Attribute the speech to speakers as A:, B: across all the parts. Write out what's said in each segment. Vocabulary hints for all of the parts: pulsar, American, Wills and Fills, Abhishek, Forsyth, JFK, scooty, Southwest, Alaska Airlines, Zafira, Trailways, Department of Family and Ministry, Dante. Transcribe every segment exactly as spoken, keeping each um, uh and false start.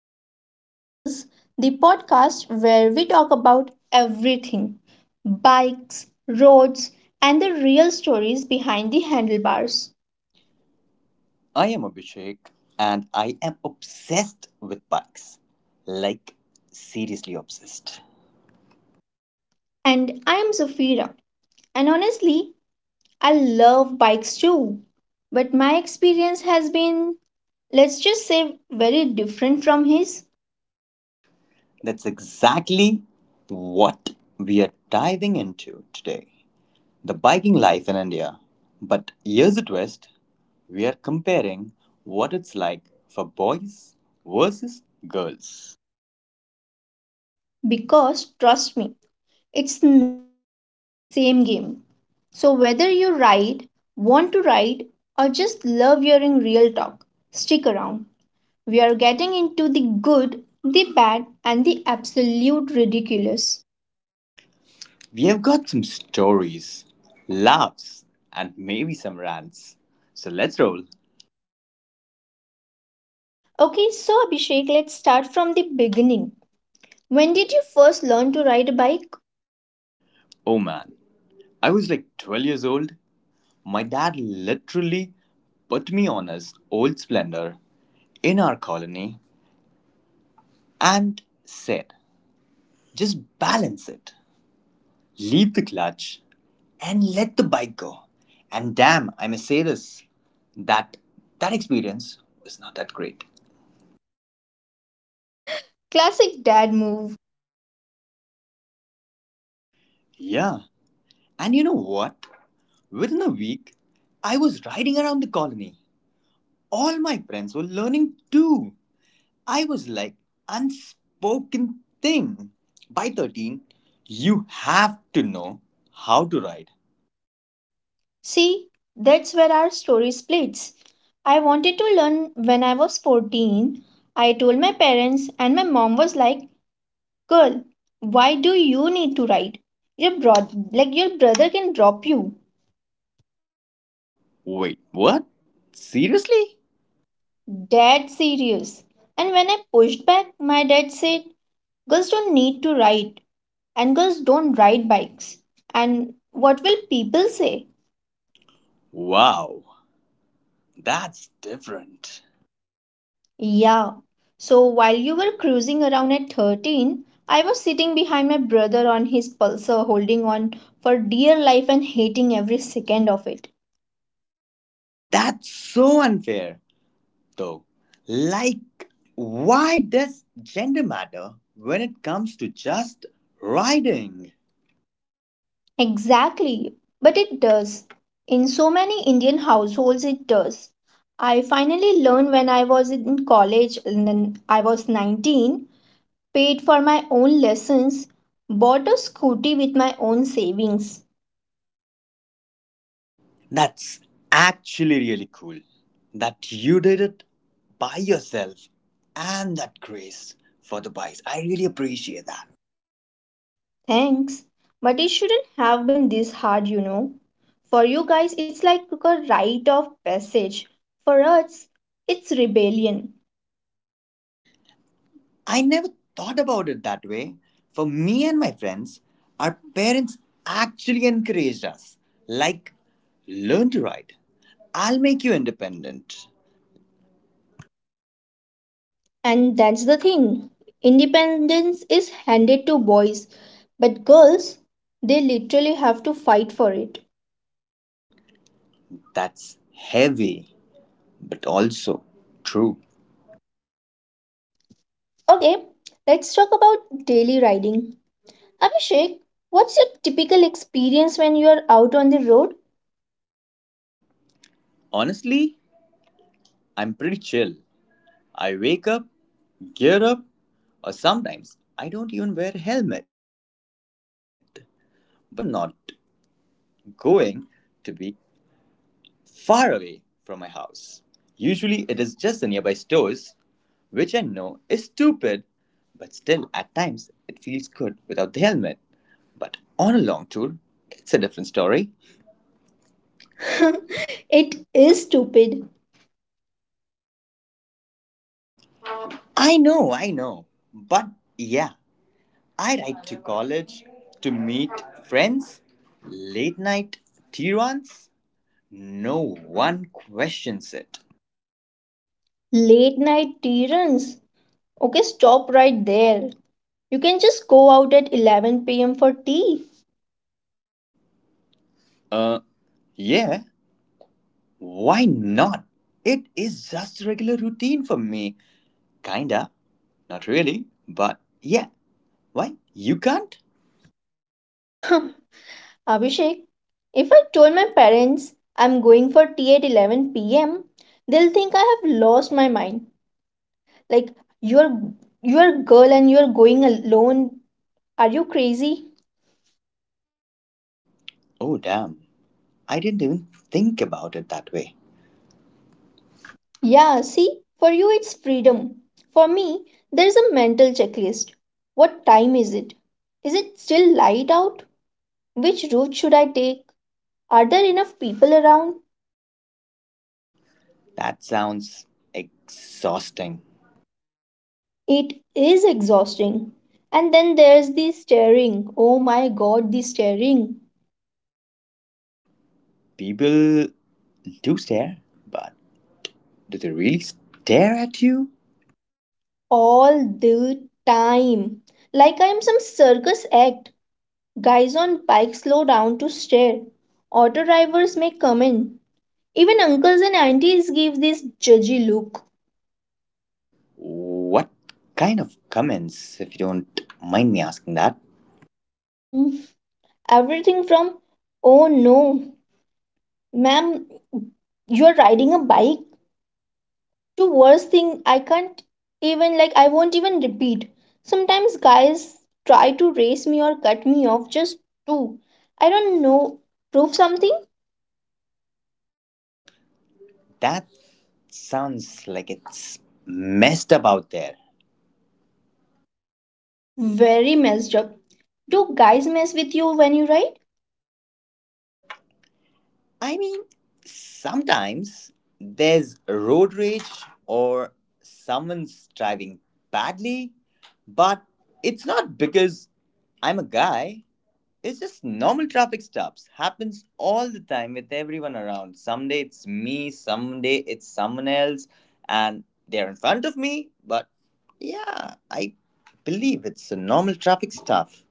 A: Wills and Fills, the podcast where we talk about everything bikes, roads, and the real stories behind the handlebars.
B: I am Abhishek and I am obsessed with bikes. Like, seriously obsessed.
A: And I am Zafira, and honestly, I love bikes too. But my experience has been, let's just say, very different from his
B: That's exactly what we are diving into today, the biking life in India. But here's a twist, we are comparing what it's like for boys versus girls.
A: because trust me, it's not the same game. So, whether you write, want to write, or just love hearing real talk, stick around. We are getting into the good, the bad, and the absolute ridiculous.
B: We have got some stories, laughs, and maybe some rants. So let's roll.
A: Okay, so Abhishek, let's start from the beginning. When did you first learn to ride a bike?
B: Oh man, I was like twelve years old. My dad literally put me on his old splendor in our colony and said, just balance it, leave the clutch, and let the bike go. And damn, I must say this, that that experience was not that great.
A: Classic dad move.
B: Yeah, and you know what? Within a week, I was riding around the colony. All my friends were learning too. I was like, unspoken thing. By thirteen, you have to know how to ride.
A: See, that's where our story splits. I wanted to learn when I was fourteen. I told my parents, and my mom was like, girl, why do you need to ride? Your bro, like your brother can drop you.
B: Wait, what? Seriously?
A: Dad serious. And when I pushed back, my dad said, girls don't need to ride. And girls don't ride bikes. And what will people say?
B: Wow, that's different.
A: Yeah. So while you were cruising around at thirteen, I was sitting behind my brother on his pulsar holding on for dear life and hating every second of it.
B: That's so unfair, though. Like, why does gender matter when it comes to just riding?
A: Exactly, but it does. In so many Indian households, it does. I finally learned when I was in college and then I was nineteen, paid for my own lessons, bought a scooty with my own savings.
B: That's actually really cool that you did it by yourself and that grace for the bikes. I really appreciate that.
A: Thanks. But it shouldn't have been this hard, you know. For you guys, it's like a rite of passage. For us, it's rebellion.
B: I never thought about it that way. For me and my friends, our parents actually encouraged us, like, learn to ride. I'll make you independent.
A: And that's the thing. Independence is handed to boys, but girls, they literally have to fight for it.
B: That's heavy, but also true.
A: Okay, let's talk about daily riding. Abhishek, what's your typical experience when you are out on the road?
B: Honestly, I'm pretty chill. I wake up, gear up, or sometimes I don't even wear a helmet. But if I'm not going to be far away from my house, usually it is just the nearby stores, which I know is stupid, but still at times it feels good without the helmet. But on a long tour, it's a different story.
A: it is stupid.
B: I know, I know. But yeah, I ride to college to meet friends, late night tea runs. No one questions it.
A: Late night tea runs. Okay, stop right there. You can just go out at eleven p m for tea.
B: Uh, yeah, why not? It is just regular routine for me. Kinda. Not really, but yeah. Why? You can't?
A: Abhishek, if I told my parents I'm going for tea at eleven p m, they'll think I have lost my mind. Like, you're you're a girl and you're going alone. Are you crazy?
B: Oh, damn. I didn't even think about it that way.
A: Yeah, see, for you it's freedom. For me, there's a mental checklist. What time is it? Is it still light out? Which route should I take? Are there enough people around?
B: That sounds exhausting.
A: It is exhausting. And then there's the staring. Oh my god, the staring.
B: People do stare, but do they really stare at you?
A: All the time. Like I am some circus act. Guys on bikes slow down to stare. Auto drivers make comment. Even uncles and aunties give this judgy look.
B: What kind of comments, if you don't mind me asking that?
A: Mm, Everything from, oh no, ma'am, you're riding a bike to worst thing I can't even, like, I won't even repeat. Sometimes guys try to race me or cut me off just to, I don't know, prove something.
B: That sounds like it's messed up out there.
A: Very messed up. Do guys mess with you when you ride?
B: I mean, sometimes there's road rage or someone's driving badly, but it's not because I'm a guy. It's just normal traffic stops. Happens all the time with everyone around. Someday it's me, someday it's someone else, and they're in front of me, but yeah, I believe it's a normal traffic stuff.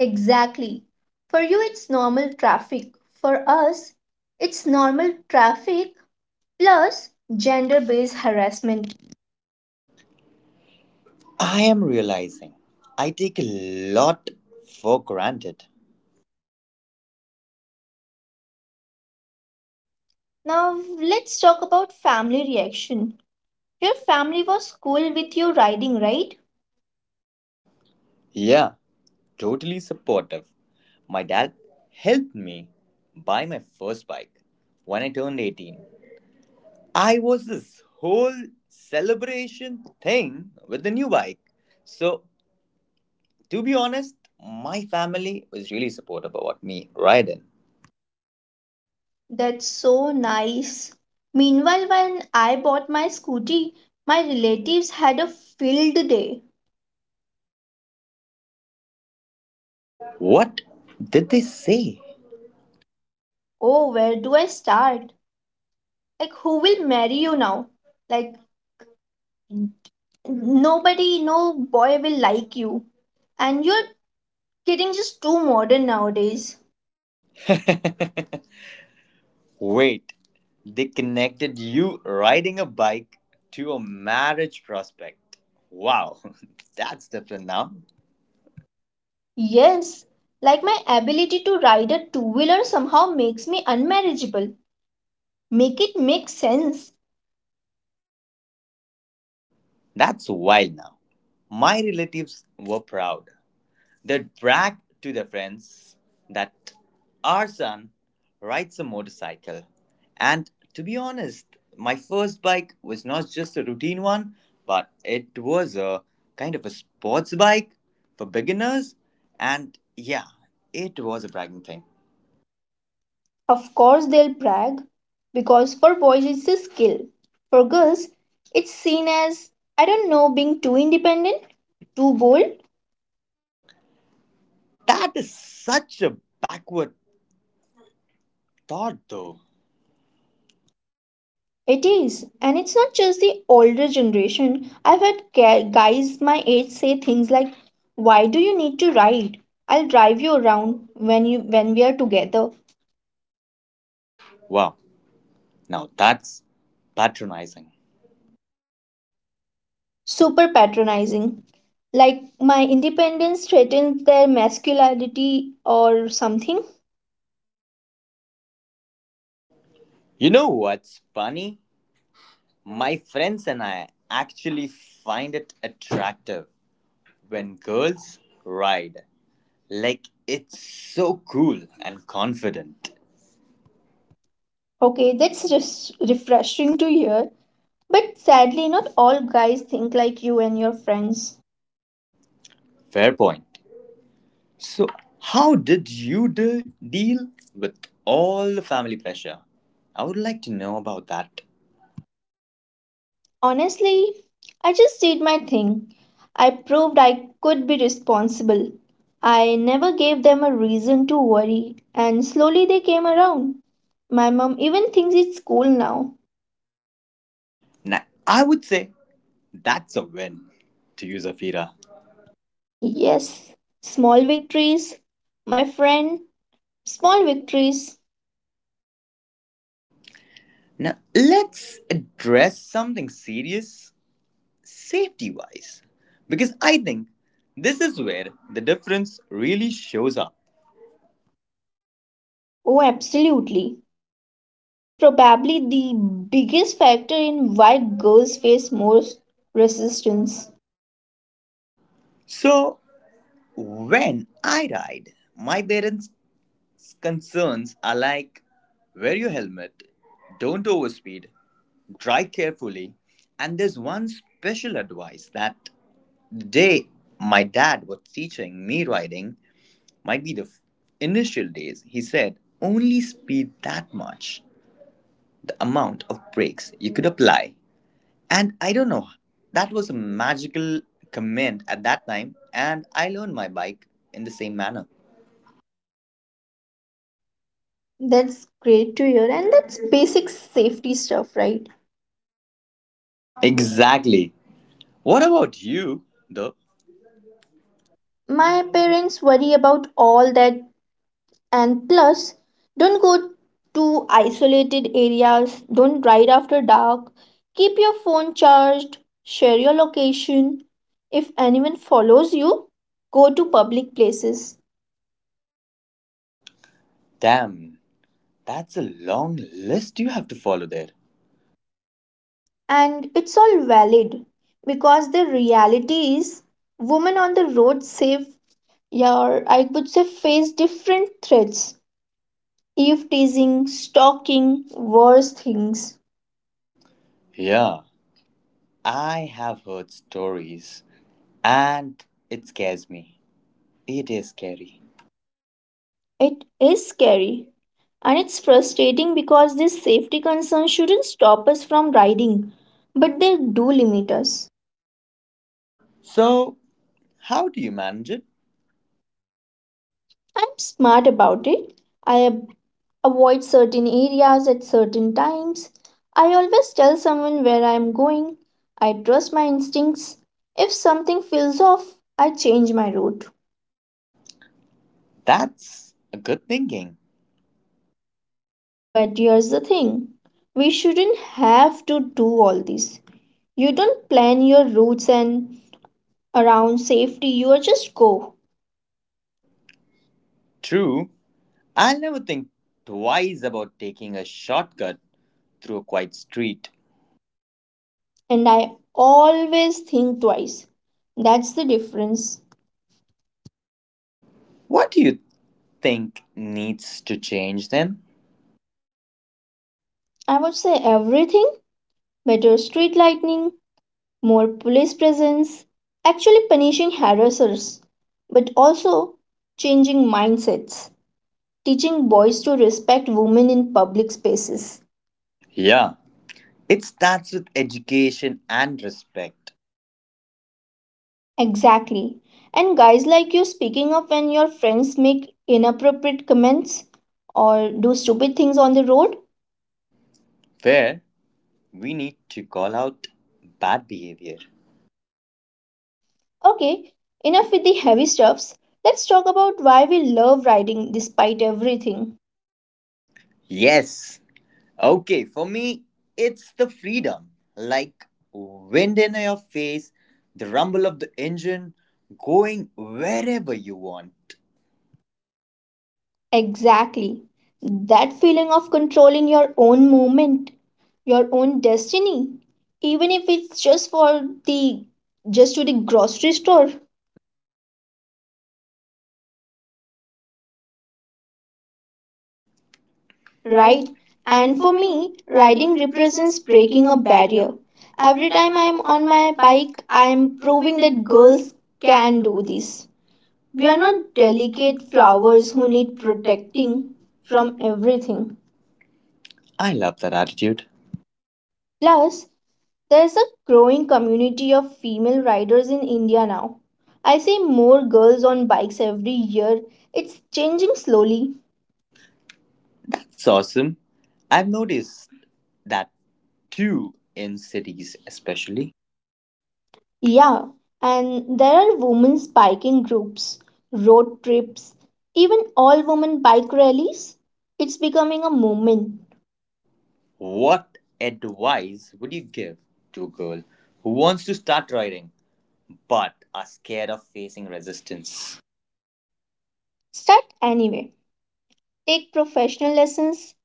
A: Exactly. For you, it's normal traffic. For us, it's normal traffic plus gender based harassment.
B: I am realizing I take a lot for granted.
A: Now, let's talk about family reaction. Your family was cool with you riding, right?
B: Yeah, totally supportive. My dad helped me buy my first bike when I turned eighteen. I was this whole celebration thing with the new bike. So, to be honest, my family was really supportive about me riding.
A: That's so nice. Meanwhile, when I bought my scooty, my relatives had a filled day.
B: What did they say?
A: Oh, where do I start? Like, who will marry you now? Like, nobody, no boy will like you. And you're getting just too modern nowadays.
B: Wait, they connected you riding a bike to a marriage prospect. Wow, that's different now.
A: Yes, like my ability to ride a two wheeler somehow makes me unmarriageable. Make it make sense.
B: That's wild now. My relatives were proud. They brag to their friends that our son rides a motorcycle. And to be honest, my first bike was not just a routine one, but it was a kind of a sports bike for beginners. And yeah, it was a bragging thing.
A: Of course, they'll brag because for boys it's a skill. For girls, it's seen as, I don't know, being too independent, too bold.
B: That is such a backward thought, though.
A: It is, and it's not just the older generation. I've had ga- guys my age say things like, "Why do you need to ride? I'll drive you around when you when we are together."
B: Wow, now that's patronizing.
A: Super patronizing. Like my independence threatens their masculinity or something.
B: You know what's funny? My friends and I actually find it attractive when girls ride. Like it's so cool and confident.
A: Okay, that's res- refreshing to hear. But sadly, not all guys think like you and your friends.
B: Fair point. So, how did you de- deal with all the family pressure? I would like to know about that.
A: Honestly, I just did my thing. I proved I could be responsible. I never gave them a reason to worry, and slowly they came around. My mom even thinks it's cool now.
B: Now, I would say that's a win to you, Zafira.
A: Yes, small victories, my friend, small victories.
B: Now, let's address something serious, safety wise? Because I think this is where the difference really shows up.
A: Oh, absolutely. Safety is probably the biggest factor in why girls face more resistance.
B: So, when I ride, my parents' concerns are like wear your helmet, don't overspeed, drive carefully, and there's one special advice that the day my dad was teaching me riding might be the f- initial days. He said, only speed that much, the amount of brakes you could apply. And I don't know, that was a magical comment at that time, and I learned my bike in the same manner.
A: That's great to hear, and that's basic safety stuff, right?
B: Exactly. What about you, though?
A: My parents worry about all that and plus don't go to isolated areas, don't ride after dark, keep your phone charged, share your location. If anyone follows you, go to public places.
B: Damn, that's a long list you have to follow there.
A: And it's all valid because the reality is women on the road save your I would say face different threats. Eve teasing, stalking, worse things.
B: Yeah, I have heard stories, and it scares me. It is scary.
A: It is scary. And it's frustrating because these safety concerns shouldn't stop us from riding, but they do limit us.
B: So, how do you manage it?
A: I'm smart about it. I ab- avoid certain areas at certain times. I always tell someone where I am going. I trust my instincts. If something feels off, I change my route.
B: That's a good thinking.
A: But here's the thing we shouldn't have to do all this. You don't plan your routes and around safety, you are just go.
B: True, I'll never think twice about taking a shortcut through a quiet street.
A: And I always think twice. That's the difference.
B: What do you think needs to change then?
A: I would say everything better street lighting, more police presence, actually punishing harassers, but also changing mindsets, teaching boys to respect women in public spaces.
B: Yeah, it starts with education and respect.
A: Exactly. And guys like you speaking up when your friends make inappropriate comments or do stupid things on the road.
B: Fair. We need to call out bad behavior.
A: Okay, enough with the heavy stuffs. Let's talk about why we love riding despite everything.
B: Yes. Okay, for me, it's the freedom. Like wind in your face, the rumble of the engine, going wherever you want.
A: Exactly. That feeling of controlling your own movement, your own destiny, even if it's just for the just to the grocery store, right?
B: Right?
A: And
B: And
A: for
B: for me,
A: me,
B: riding
A: riding
B: represents
A: represents
B: breaking
A: breaking a
B: a
A: barrier.
B: barrier.
A: Every
B: Every
A: time
B: time
A: I'm
B: I'm
A: on
B: on
A: my
B: my bike,
A: bike,
B: I'm
A: I'm
B: proving
A: proving that
B: that
A: girls
B: girls
A: can
B: can
A: do
B: do this.
A: this. We
B: We
A: are
B: are
A: not
B: not delicate
A: delicate flowers
B: flowers
A: who
B: who
A: need
B: need protecting
A: protecting from
B: from.
A: everything.
B: I love that attitude.
A: Plus, there is a growing community of female riders in India now. I see more girls on bikes every year. It's changing slowly.
B: That's awesome. I've noticed that too in cities, especially.
A: Yeah, and there are women's biking groups, road trips, even all women bike rallies. It's becoming a movement.
B: What advice would you give to a girl who wants to start riding but are scared of facing resistance?
A: Start anyway. Take professional lessons.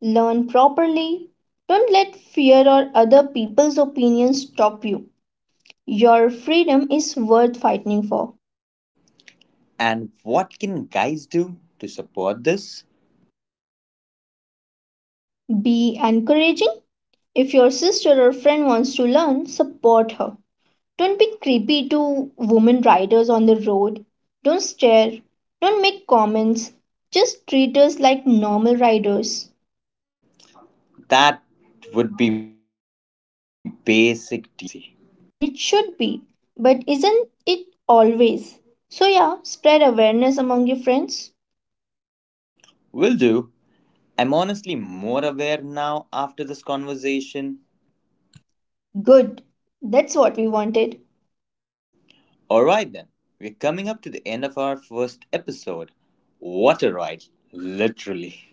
A: Learn properly. Don't let fear or other people's opinions stop you. Your freedom is worth fighting for.
B: And what can guys do to support this?
A: Be encouraging. If your sister or friend wants to learn, support her. Don't be creepy to women riders on the road. Don't stare. Don't make comments. Just treat us like normal riders.
B: That would be basic decency.
A: And it should be, but isn't it always? So, yeah, spread awareness among your friends.
B: Will do. I'm honestly more aware now after this conversation.
A: Good. That's what we wanted.
B: Alright then, we're coming up to the end of our first episode. What a ride, literally.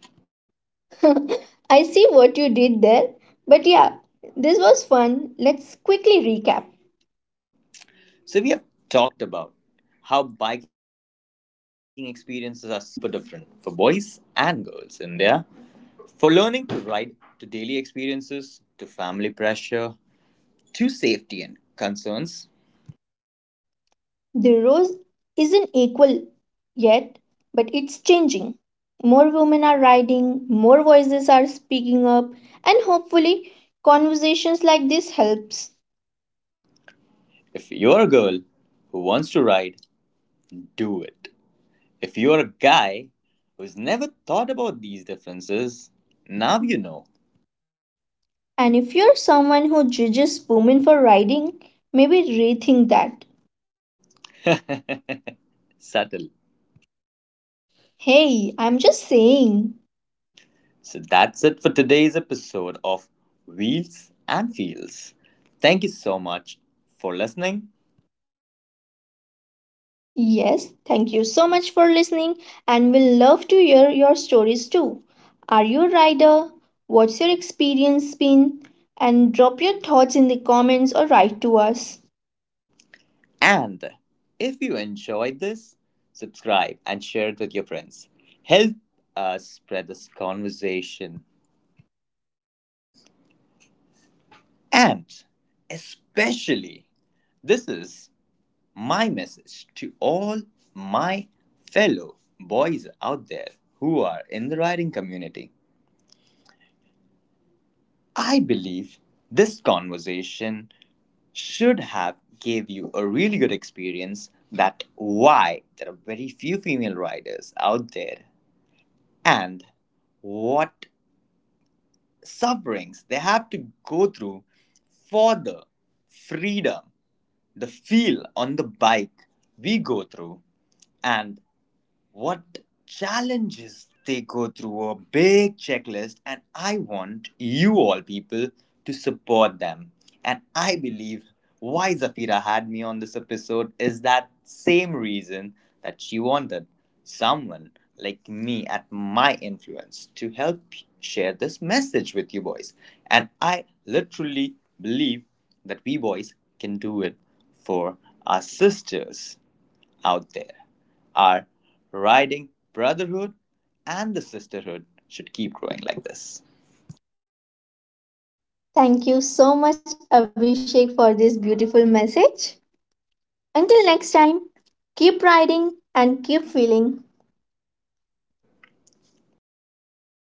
A: I see what you did there. But yeah, this was fun. Let's quickly recap.
B: So, we have talked about how biking experiences are super different for boys and girls in India. For learning to ride, to daily experiences, to family pressure, to safety and concerns.
A: The rose isn't equal yet, but it's changing. More women are riding, more voices are speaking up, and hopefully conversations like this helps.
B: If you're a girl who wants to ride, do it. If you're a guy who's never thought about these differences, now you know.
A: And if you're someone who judges women for riding, maybe rethink that.
B: Subtle.
A: Hey, I'm just saying.
B: So that's it for today's episode of Wheels and Feels. Thank you so much for listening.
A: Yes, thank you so much for listening, and we'll love to hear your stories too. Are you a rider? What's your experience been? And drop your thoughts in the comments or write to us.
B: And if you enjoyed this, subscribe and share it with your friends. Help us spread this conversation, and especially, this is my message to all my fellow boys out there who are in the riding community. I believe this conversation should have gave you a really good experience that why there are very few female riders out there, and what sufferings they have to go through for the freedom, the feel on the bike we go through, and what challenges they go through, a big checklist, and I want you all people to support them. And I believe why Zafira had me on this episode is that same reason, that she wanted someone like me at my influence to help share this message with you boys. And I literally believe that we boys can do it for our sisters out there. Our riding brotherhood and the sisterhood should keep growing like this.
A: Thank you so much, Abhishek, for this beautiful message. Until next time, keep riding and keep feeling.
B: Bye, guys.